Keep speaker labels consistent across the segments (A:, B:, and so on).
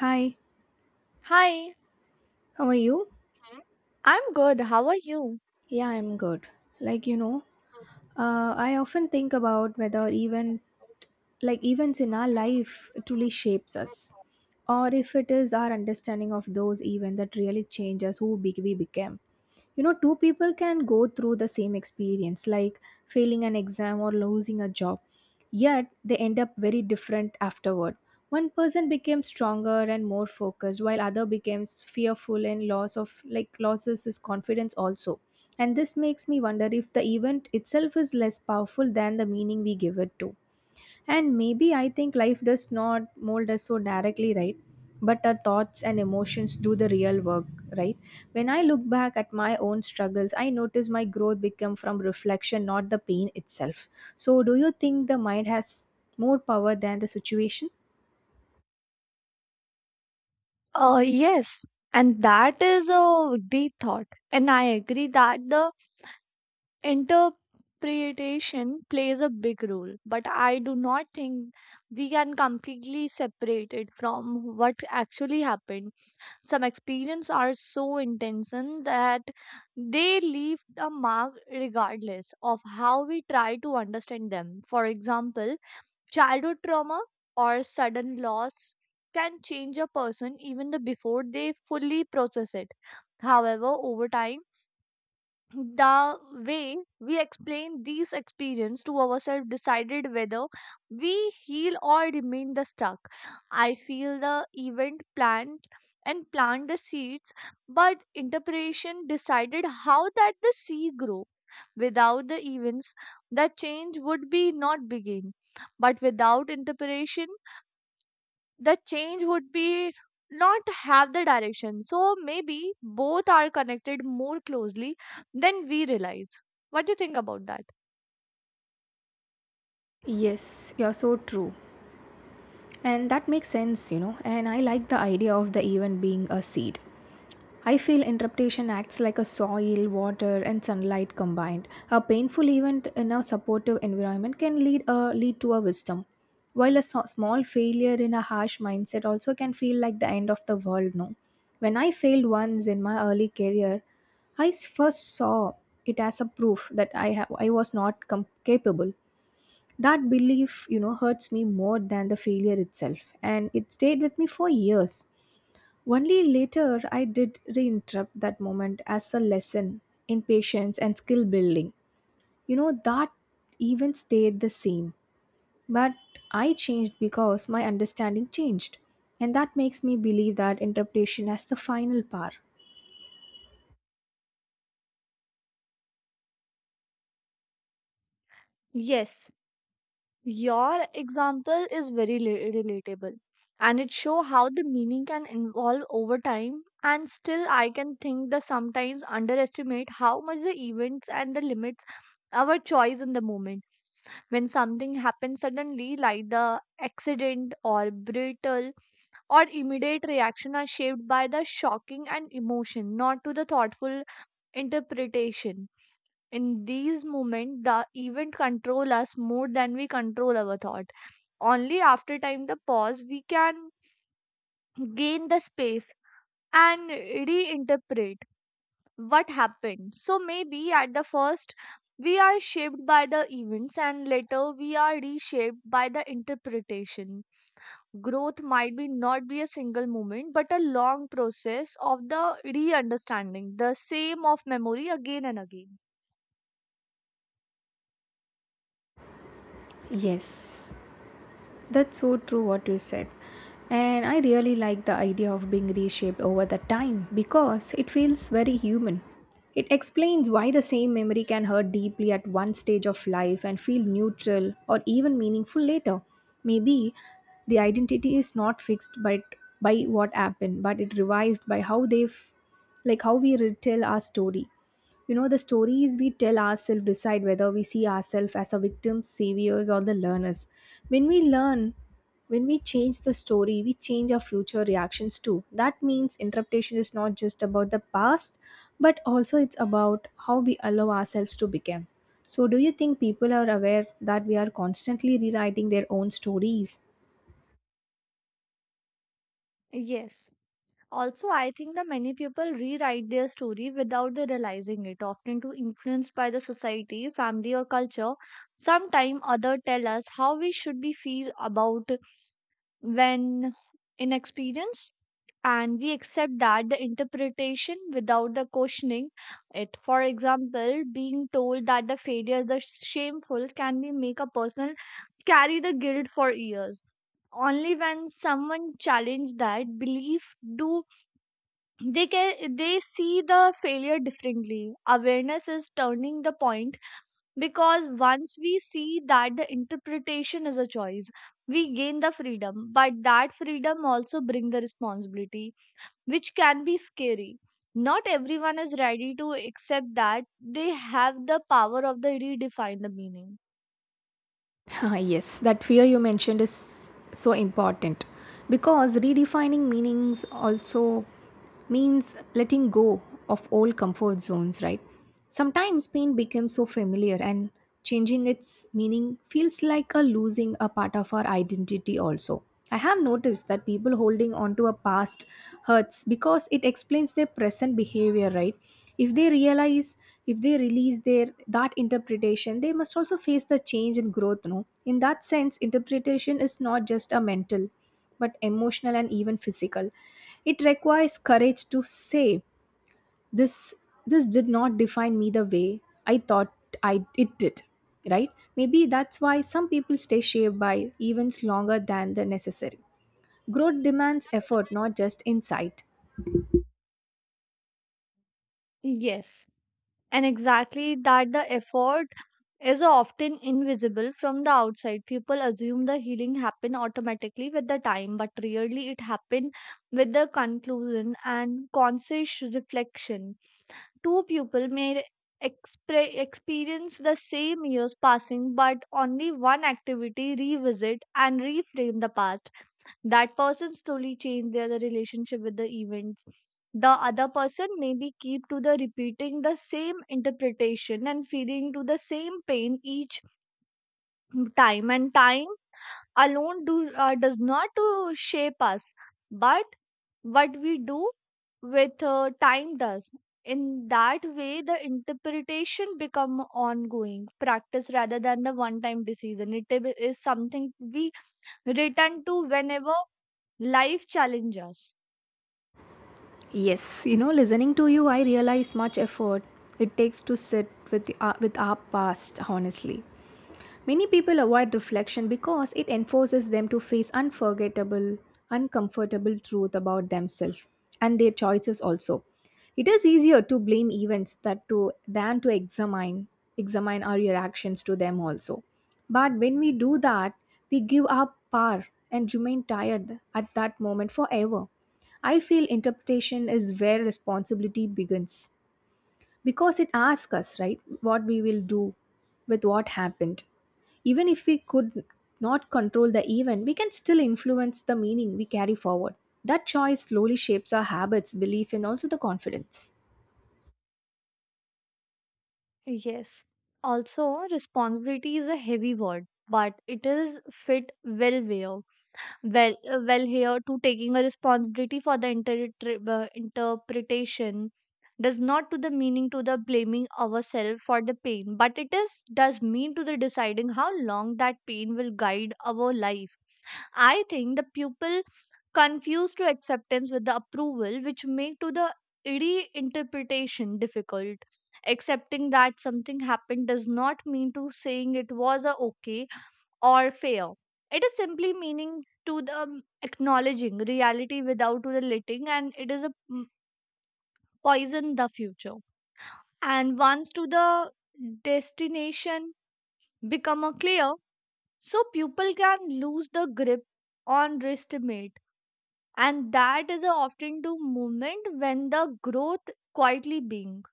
A: Hi,
B: Hi.
A: how are you?
B: Hmm? I'm good. How are you?
A: Yeah, I'm good. Like, you know, I often think about whether even events in our life truly shapes us or if it is our understanding of those events that really changes we became. You know, two people can go through the same experience like failing an exam or losing a job, yet they end up very different afterward. One person became stronger and more focused while other becomes fearful and loss of like loses his confidence also. And this makes me wonder if the event itself is less powerful than the meaning we give it to. And maybe I think life does not mold us so directly, right? But our thoughts and emotions do the real work, right? When I look back at my own struggles, I notice my growth become from reflection, not the pain itself. So, do you think the mind has more power than the situation?
B: Yes, and that is a deep thought. And I agree that the interpretation plays a big role, but I do not think we can completely separate it from what actually happened. Some experiences are so intense and that they leave a mark regardless of how we try to understand them. For example, childhood trauma or sudden loss can change a person even the before they fully process it. However, over time, the way we explain these experience to ourselves decided whether we heal or remain the stuck. I feel the event planned and plant the seeds, but interpretation decided how that the seed grow. Without the events, the change would be not begin. But without interpretation, the change would be not have the direction. So maybe both are connected more closely than we realize. What do you think about that?
A: Yes, you're so true. And that makes sense, And I like the idea of the event being a seed. I feel interpretation acts like a soil, water, and sunlight combined. A painful event in a supportive environment can lead to a wisdom, while a small failure in a harsh mindset also can feel like the end of the world. No, when I failed once in my early career, I first saw it as a proof that I was not capable. That belief, hurts me more than the failure itself, and it stayed with me for years. Only later I did reinterrupt that moment as a lesson in patience and skill building. You know, that even stayed the same. But I changed because my understanding changed. And that makes me believe that interpretation as the final power.
B: Yes, your example is very relatable, and it show how the meaning can evolve over time and still I can think that sometimes underestimate how much the events and the limits our choice in the moment. When something happens suddenly like the accident or brittle or immediate reaction are shaped by the shocking and emotion, not to the thoughtful interpretation. In these moments the event control us more than we control our thought. Only after time the pause we can gain the space and reinterpret what happened. So maybe at the first we are shaped by the events and later we are reshaped by the interpretation. Growth might be not be a single moment but a long process of the re-understanding the same of memory again and again.
A: Yes, that's so true what you said. And I really like the idea of being reshaped over the time because it feels very human. It explains why the same memory can hurt deeply at one stage of life and feel neutral or even meaningful later. Maybe the identity is not fixed by what happened, but it revised by how they f- like how we retell our story. You know, the stories we tell ourselves decide whether we see ourselves as a victim, saviors, or the learners. When we learn, when we change the story, we change our future reactions too. That means interpretation is not just about the past, but also it's about how we allow ourselves to become. So, do you think people are aware that we are constantly rewriting their own stories?
B: Yes. Also, I think that many people rewrite their story without they realizing it, often to influenced by the society, family, or culture. Sometime other tell us how we should be feel about when inexperienced, and we accept that the interpretation without the questioning it. For example, being told that the failure is the shameful can be make a person carry the guilt for years. Only when someone challenge that belief do they can they see the failure differently. Awareness is turning the point, because once we see that the interpretation is a choice we gain the freedom. But that freedom also bring the responsibility, which can be scary. Not everyone is ready to accept that they have the power of the redefine the meaning.
A: Ah, yes, that fear you mentioned is so important because redefining meanings also means letting go of old comfort zones, right? Sometimes pain becomes so familiar and changing its meaning feels like a losing a part of our identity also. I have noticed that people holding on to a past hurts because it explains their present behavior, right? If they realize, if they release their that interpretation, they must also face the change and growth, no? In that sense, interpretation is not just a mental, but emotional and even physical. It requires courage to say, this this did not define me the way I thought I it did. Right? Maybe that's why some people stay shaped by events longer than the necessary. Growth demands effort, not just insight.
B: Yes, and exactly that the effort is often invisible from the outside. People assume the healing happen automatically with the time, but really it happen with the conclusion and conscious reflection. Two people may experience the same years passing, but only one activity revisit and reframe the past. That person slowly change their the relationship with the events. The other person maybe keep to the repeating the same interpretation and feeling to the same pain each time and time alone do does not to shape us, but what we do with time does. In that way the interpretation become ongoing practice rather than the one time decision. It is something we return to whenever life challenges us.
A: Yes, listening to you, I realize much effort it takes to sit with our past honestly. Many people avoid reflection because it enforces them to face uncomfortable truth about themselves and their choices also. It is easier to blame events that to than to examine our reactions to them also. But when we do that, we give up power and remain tired at that moment forever. I feel interpretation is where responsibility begins because it asks us right what we will do with what happened. Even if we could not control the event, we can still influence the meaning we carry forward. That choice slowly shapes our habits, belief, and also the confidence.
B: Yes. Also, responsibility is a heavy word, but it is fit well here. Well, here to taking a responsibility for the interpretation does not to the meaning to the blaming ourselves for the pain, but it is does mean to the deciding how long that pain will guide our life. I think the pupil confused to acceptance with the approval, which make to the reinterpretation difficult. Accepting that something happened does not mean to saying it was a okay or fair. It is simply meaning to the acknowledging reality without to the letting, and it is a poison the future. And once to the destination become a clear, so pupil can lose the grip on estimate. And that is a often to moment when the growth quietly being.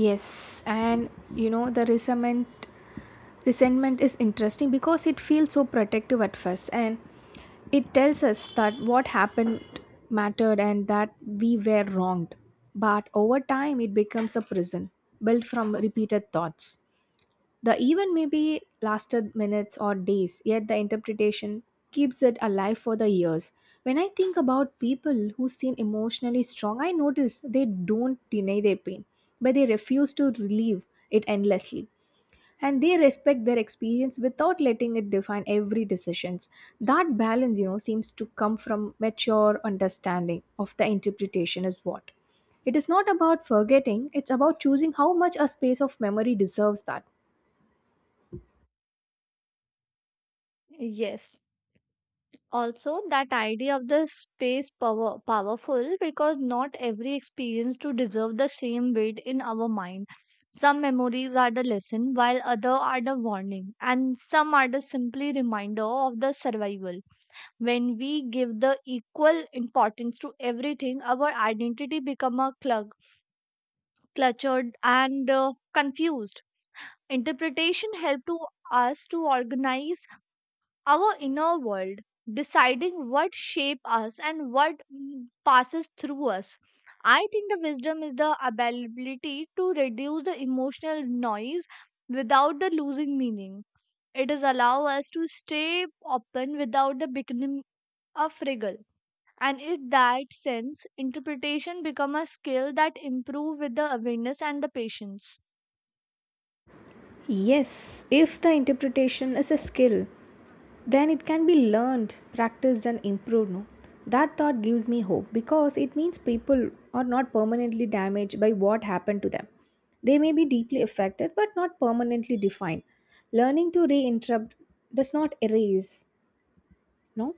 A: Yes, and you know the resentment resentment is interesting because it feels so protective at first, and it tells us that what happened mattered and that we were wronged. But over time, it becomes a prison built from repeated thoughts. The event maybe lasted minutes or days, yet the interpretation keeps it alive for the years. When I think about people who seem emotionally strong, I notice they don't deny their pain, but they refuse to relieve it endlessly, and they respect their experience without letting it define every decisions. That balance, seems to come from mature understanding of the interpretation is what it is. Not about forgetting, it's about choosing how much a space of memory deserves that.
B: Yes. Also, that idea of the space powerful because not every experience to deserve the same weight in our mind. Some memories are the lesson, while other are the warning, and some are the simply reminder of the survival. When we give the equal importance to everything, our identity become a clug cluttered and confused. Interpretation helps to us to organize our inner world, deciding what shape us and what passes through us. I think the wisdom is the ability to reduce the emotional noise without the losing meaning. It is allow us to stay open without the beginning a friggle. And in that sense, interpretation become a skill that improve with the awareness and the patience.
A: Yes, if the interpretation is a skill, then it can be learned, practiced, and improved. No? That thought gives me hope because it means people are not permanently damaged by what happened to them. They may be deeply affected but not permanently defined. Learning to re interrupt does not erase, no,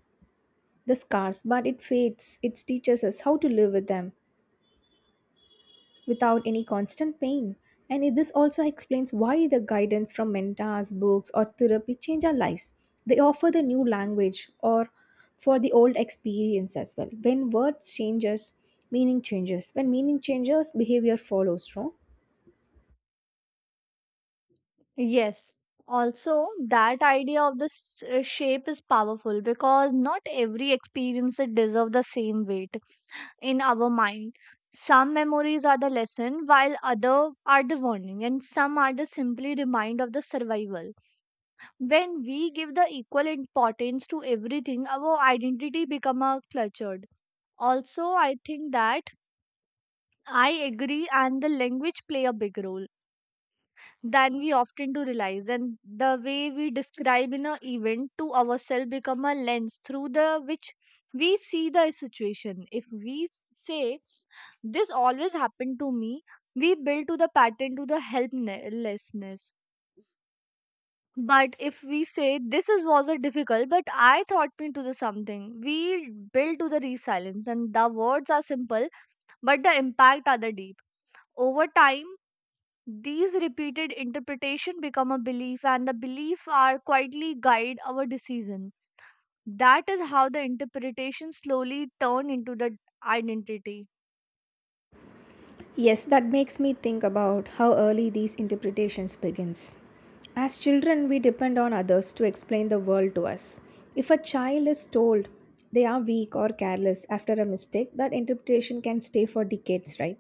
A: the scars, but it fades. It teaches us how to live with them without any constant pain. And this also explains why the guidance from mentors, books, or therapy change our lives. They offer the new language or for the old experience as well. When words changes, meaning changes. When meaning changes, behavior follows, no?
B: Yes. Also, that idea of the shape is powerful because not every experience it deserves the same weight in our mind. Some memories are the lesson, while other are the warning, and some are the simply remind of the survival. When we give the equal importance to everything, our identity become a cluttered. Also, I think that I agree, and the language play a big role than we often do realize. And the way we describe in an event to ourselves become a lens through the which we see the situation. If we say this always happened to me, we build to the pattern to the helplessness. But if we say this is was a difficult but I thought me to the something, we build to the resilience. And the words are simple but the impact are the deep. Over time these repeated interpretation become a belief and the belief are quietly guide our decision. That is how the interpretation slowly turn into the identity.
A: Yes, that makes me think about how early these interpretations begins. As children, we depend on others to explain the world to us. If a child is told they are weak or careless after a mistake, that interpretation can stay for decades, right?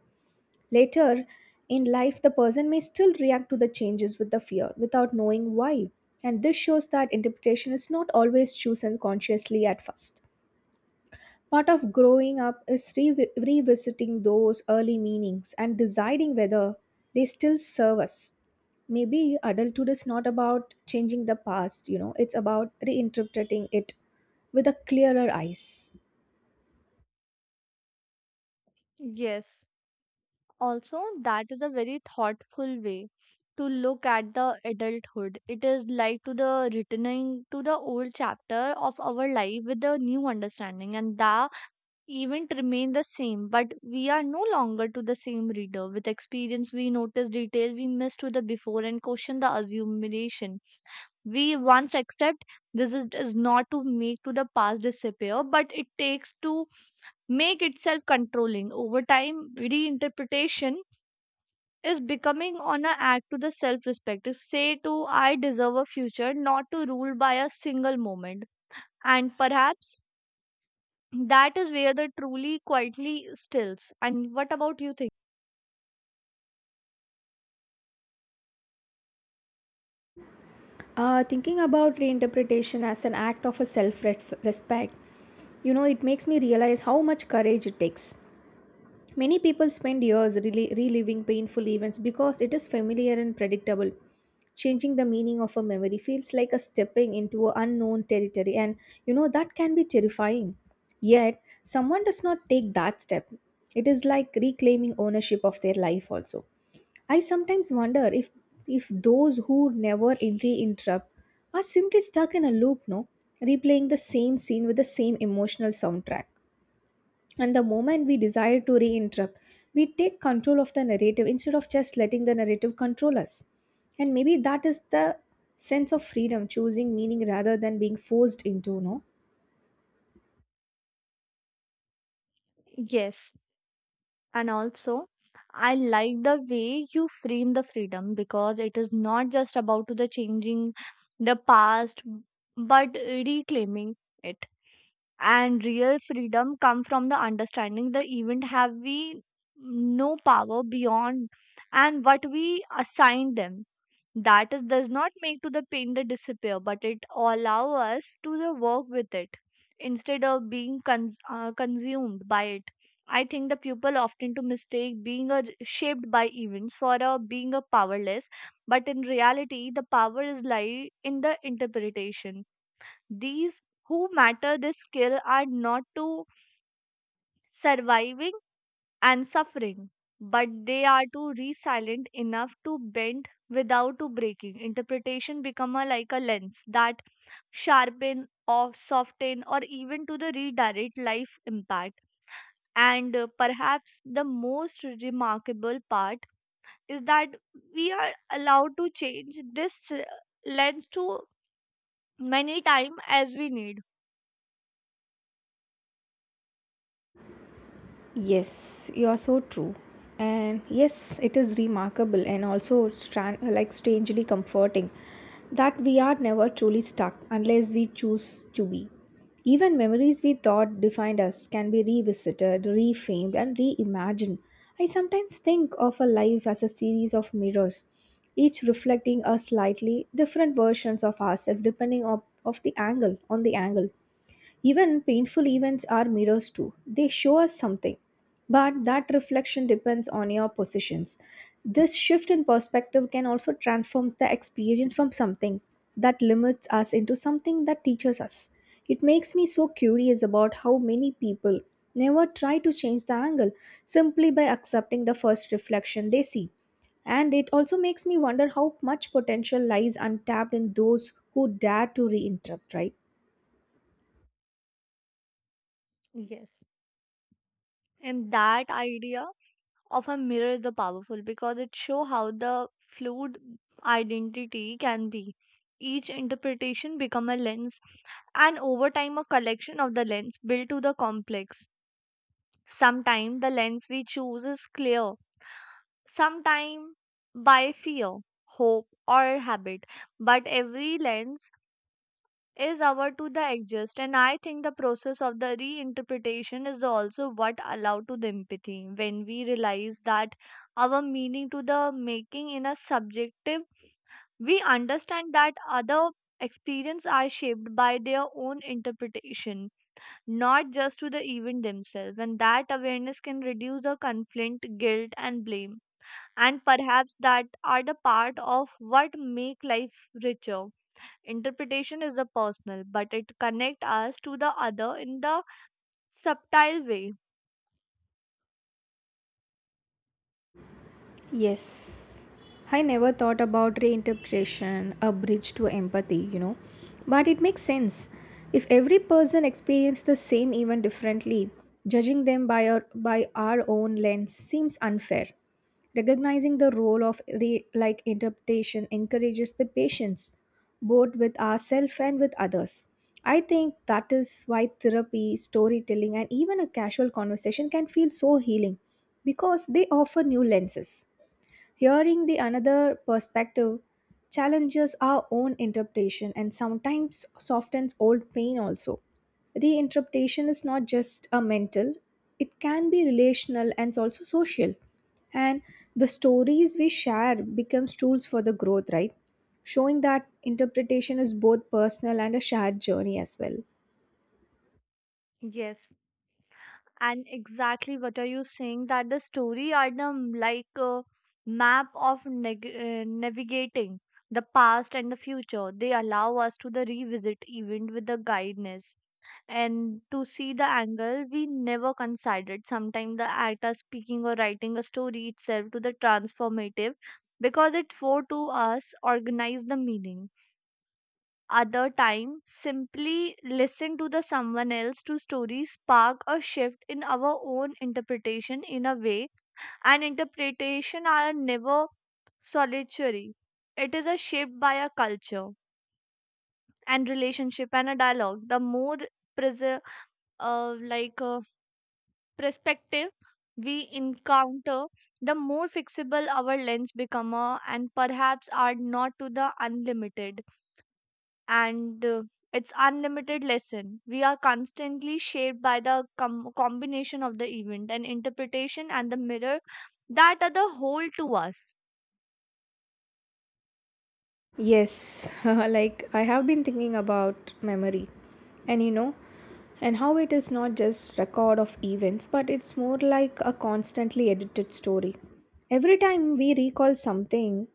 A: Later in life, the person may still react to the changes with the fear without knowing why. And this shows that interpretation is not always chosen consciously at first. Part of growing up is revisiting those early meanings and deciding whether they still serve us. Maybe adulthood is not about changing the past, you know, it's about reinterpreting it with a clearer eyes.
B: Yes, also, that is a very thoughtful way to look at the adulthood. It is like to the returning to the old chapter of our life with a new understanding, and that event remain the same, but we are no longer to the same reader. With experience, we notice detail we missed with the before and question the assumption. We once accept this is not to make to the past disappear, but it takes to make itself controlling. Over time, reinterpretation is becoming on a act to the self-respect. Say to I deserve a future not to rule by a single moment. And perhaps that is where the truly quietly stills. And what about you think?
A: Thinking about reinterpretation as an act of a self respect, you know, it makes me realize how much courage it takes. Many people spend years reliving painful events because it is familiar and predictable. Changing the meaning of a memory feels like a stepping into an unknown territory, and you know that can be terrifying. Yet, someone does not take that step. It is like reclaiming ownership of their life, also. I sometimes wonder if those who never re-interrupt are simply stuck in a loop, no, replaying the same scene with the same emotional soundtrack. And the moment we desire to re interrupt, we take control of the narrative instead of just letting the narrative control us. And maybe that is the sense of freedom, choosing meaning rather than being forced into, no?
B: Yes. And also I like the way you frame the freedom, because it is not just about to the changing the past but reclaiming it. And real freedom come from the understanding the event have we no power beyond and what we assign them. That is does not make to the pain the disappear, but it allow us to the work with it instead of being consumed by it. I think the people often to mistake being a, shaped by events for a being a powerless, but in reality, the power is lie in the interpretation. These who matter this skill are not to surviving and suffering, but they are to resilient enough to bend without to breaking. Interpretation become a, like a lens that sharpen or soften or even to the redirect life impact. And perhaps the most remarkable part is that we are allowed to change this lens to many time as we need.
A: Yes, you are so true. And yes, it is remarkable and also strangely comforting that we are never truly stuck unless we choose to be. Even memories we thought defined us can be revisited, reframed, and reimagined. I sometimes think of a life as a series of mirrors, each reflecting a slightly different versions of ourselves depending on the angle. Even painful events are mirrors too. They show us something, but that reflection depends on your positions. This shift in perspective can also transform the experience from something that limits us into something that teaches us. It makes me so curious about how many people never try to change the angle, simply by accepting the first reflection they see. And it also makes me wonder how much potential lies untapped in those who dare to reinterrupt, right?
B: Yes. And that idea of a mirror is the powerful because it show how the fluid identity can be. Each interpretation become a lens and over time a collection of the lens built to the complex. Sometimes the lens we choose is clear, sometimes by fear, hope, or habit. But every lens is our to the adjust, and I think the process of the reinterpretation is also what allow to the empathy. When we realize that our meaning to the making in a subjective, we understand that other experience are shaped by their own interpretation, not just to the event themselves. And that awareness can reduce the conflict guilt and blame. And perhaps that are the part of what make life richer. Interpretation is a personal, but it connect us to the other in the subtle way.
A: Yes. I never thought about reinterpretation, a bridge to empathy, you know. But it makes sense. If every person experienced the same event differently, judging them by by our own lens seems unfair. Recognizing the role of interpretation encourages the patience, both with ourselves and with others. I think that is why therapy, storytelling, and even a casual conversation can feel so healing because they offer new lenses. Hearing the another perspective challenges our own interpretation and sometimes softens old pain also. Reinterpretation is not just a mental, it can be relational and it's also social. And the stories we share becomes tools for the growth, right? Showing that interpretation is both personal and a shared journey as well.
B: Yes. And exactly what are you saying, that the story are the like a map of navigating the past and the future. They allow us to the revisit event with the guidance and to see the angle we never considered. Sometimes the act of speaking or writing a story itself to the transformative, because it for to us organize the meaning. Other time simply listen to the someone else to stories spark a shift in our own interpretation in a way. And interpretation are never solitary. It is a shaped by a culture and relationship and a dialogue. The more prese- uh, like uh, perspective we encounter, the more fixable our lens become, and perhaps are not to the unlimited. And it's unlimited lesson we are constantly shaped by the combination of the event and interpretation and the mirror that are the whole to us.
A: Yes, like I have been thinking about memory and you know, and how it is not just record of events but it's more like a constantly edited story. Every time we recall something,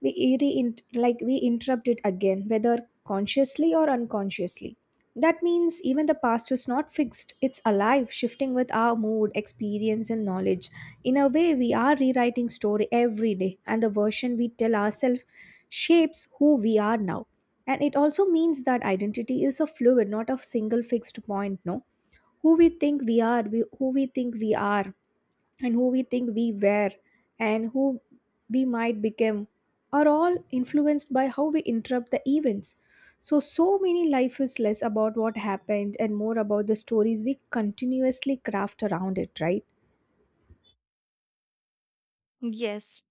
A: we re- in- like we interrupt it again whether consciously or unconsciously. That means even the past is not fixed, it's alive, shifting with our mood, experience and knowledge. In a way, we are rewriting story every day, and the version we tell ourselves shapes who we are now. And it also means that identity is a fluid, not a single fixed point, no? Who we think we are, and who we think we were, and who we might become are all influenced by how we interrupt the events. So many life is less about what happened and more about the stories we continuously craft around it, right?
B: Yes.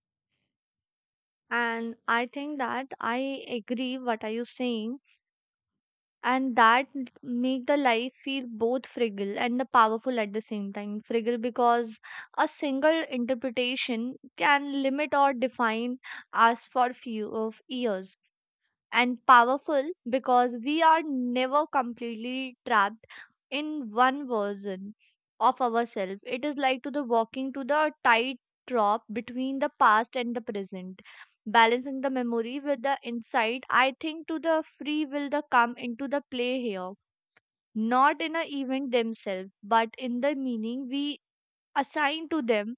B: And I think that I agree what are you saying. And that make the life feel both fragile and the powerful at the same time. Fragile because a single interpretation can limit or define us for few of years. And powerful because we are never completely trapped in one version of ourselves. It is like to the walking to the tight drop between the past and the present, balancing the memory with the insight. I think to the free will the come into the play here, not in a event themselves, but in the meaning we assign to them,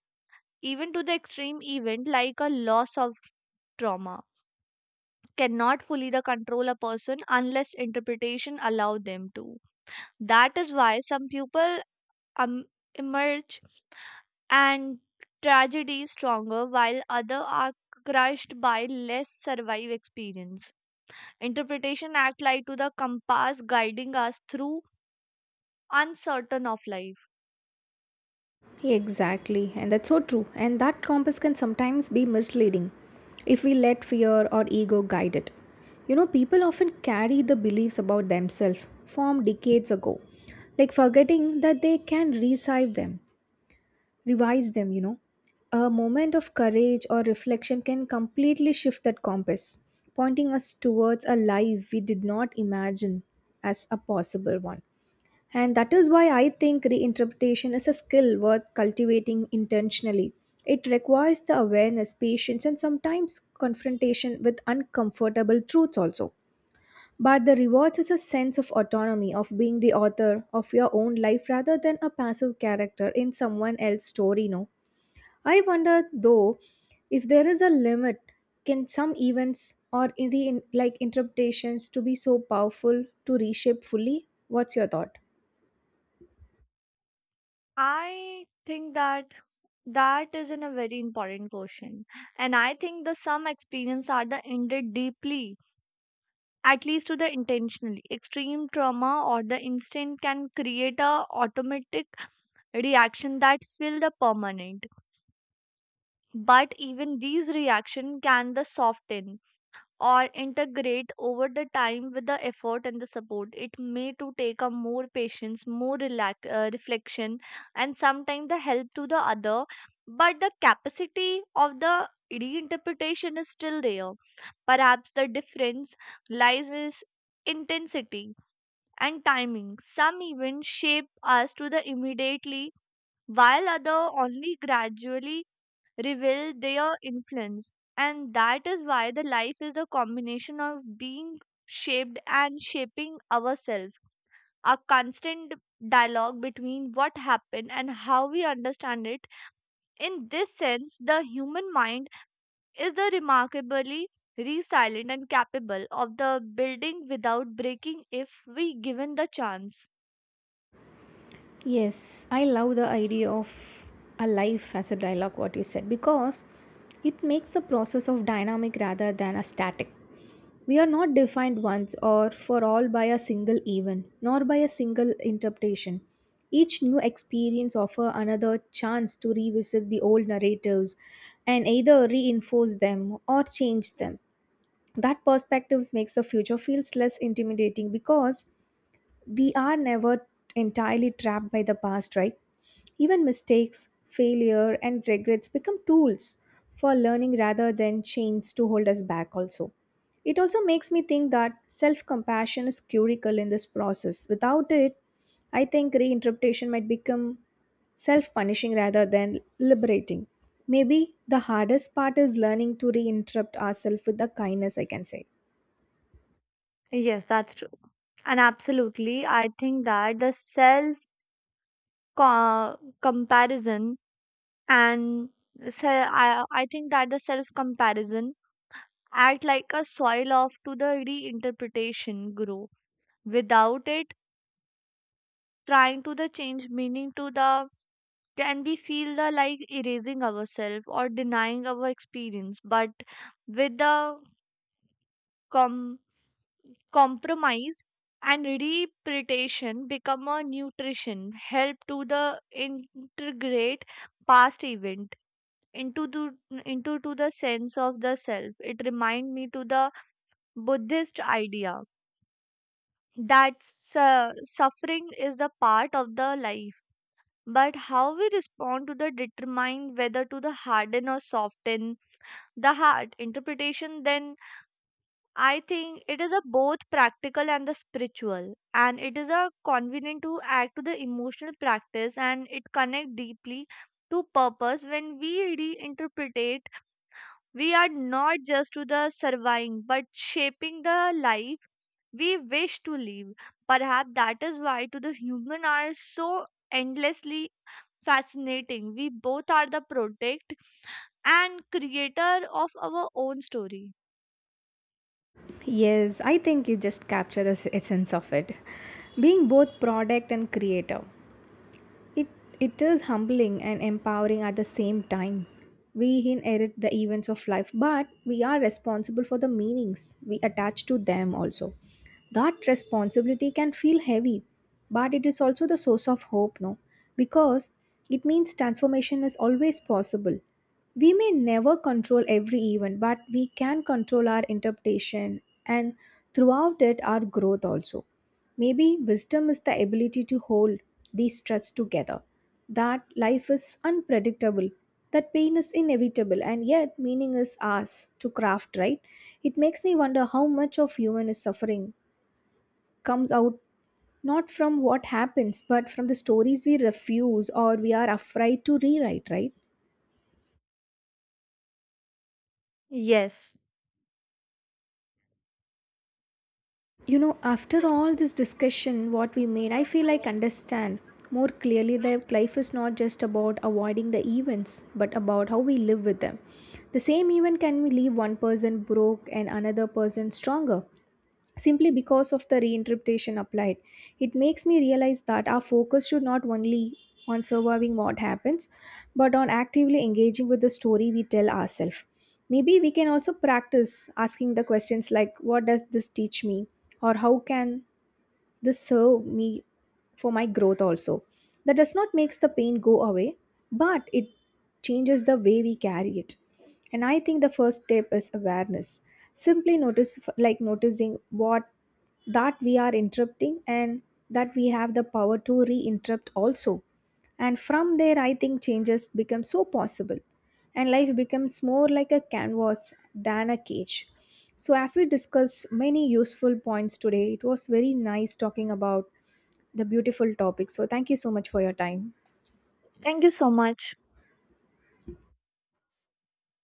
B: even to the extreme event like a loss of trauma cannot fully the control a person unless interpretation allow them to. That is why some people um, emerge and tragedy stronger, while other are crushed by less survive experience. Interpretation act like to the compass guiding us through uncertain of life.
A: Exactly, and that's so true. And that compass can sometimes be misleading if we let fear or ego guide it. You know, people often carry the beliefs about themselves formed decades ago, like forgetting that they can revise them, A moment of courage or reflection can completely shift that compass, pointing us towards a life we did not imagine as a possible one. And that is why I think reinterpretation is a skill worth cultivating intentionally. It requires the awareness, patience, and sometimes confrontation with uncomfortable truths also. But the rewards is a sense of autonomy, of being the author of your own life rather than a passive character in someone else's story, no? I wonder though if there is a limit, can some events or like interpretations to be so powerful to reshape fully? What's your thought?
B: I think that that is in a very important question, and I think the some experience are the ended deeply. At least to the intentionally extreme trauma or the instant can create a automatic reaction that feel the permanent. But even these reaction can the soften or integrate over the time with the effort and the support. It may to take a more patience more relax, reflection, and sometimes the help to the other. But the capacity of the reinterpretation is still there. Perhaps the difference lies is intensity and timing. Some events shape us to the immediately, while other only gradually reveal their influence. And that is why the life is a combination of being shaped and shaping ourselves. A constant dialogue between what happened and how we understand it. In this sense, the human mind is the remarkably resilient and capable of the building without breaking if we given the chance.
A: Yes, I love the idea of a life as a dialogue, what you said, because it makes the process of dynamic rather than a static. We are not defined once or for all by a single event, nor by a single interpretation. Each new experience offers another chance to revisit the old narratives and either reinforce them or change them. That perspective makes the future feels less intimidating because we are never entirely trapped by the past, right? Even mistakes, failure, and regrets become tools for learning rather than chains to hold us back, also. It also makes me think that self compassion is critical in this process. Without it, I think reinterpretation might become self punishing rather than liberating. Maybe the hardest part is learning to reinterrupt ourselves with the kindness, I can say.
B: Yes, that's true. And absolutely, I think that the self comparison and so I think that the self comparison act like a soil off to the reinterpretation grow. Without it trying to the change meaning to the, can we feel the like erasing ourselves or denying our experience. But with the com- compromise and repretation become a nutrition help to the integrate past event into the into to the sense of the self. It remind me to the Buddhist idea that suffering is the part of the life, but how we respond to the determine whether to the harden or soften the heart. Interpretation then I think it is a both practical and the spiritual, and it is a convenient to add to the emotional practice, and it connect deeply to purpose when we reinterpret. We are not just to the surviving, but shaping the life we wish to live. Perhaps that is why to the human are so endlessly fascinating. We both are the protect and creator of our own story.
A: Yes, I think you just capture the essence of it. Being both product and creator. It, it is humbling and empowering at the same time. We inherit the events of life, but we are responsible for the meanings we attach to them also. That responsibility can feel heavy, but it is also the source of hope, no? Because it means transformation is always possible. We may never control every event, but we can control our interpretation and throughout it, our growth also. Maybe wisdom is the ability to hold these threads together. That life is unpredictable, that pain is inevitable, and yet meaning is ours to craft, right? It makes me wonder how much of human is suffering comes out not from what happens, but from the stories we refuse or we are afraid to rewrite, right? You know, after all this discussion, what we made, I feel like understand more clearly that life is not just about avoiding the events, but about how we live with them. The same event can leave one person broke and another person stronger simply because of the reinterpretation applied. It makes me realize that our focus should not only on surviving what happens, but on actively engaging with the story we tell ourselves. Maybe we can also practice asking the questions like, what does this teach me? Or how can this served me for my growth also, that does not makes the pain go away, but it changes the way we carry it. And I think the first step is awareness, simply notice, like noticing what that we are interrupting, and that we have the power to re-interrupt also. And from there I think changes become so possible, and life becomes more like a canvas than a cage. So, as we discussed many useful points today, it was very nice talking about the beautiful topic. So, thank you so much for your time.
B: Thank you so much.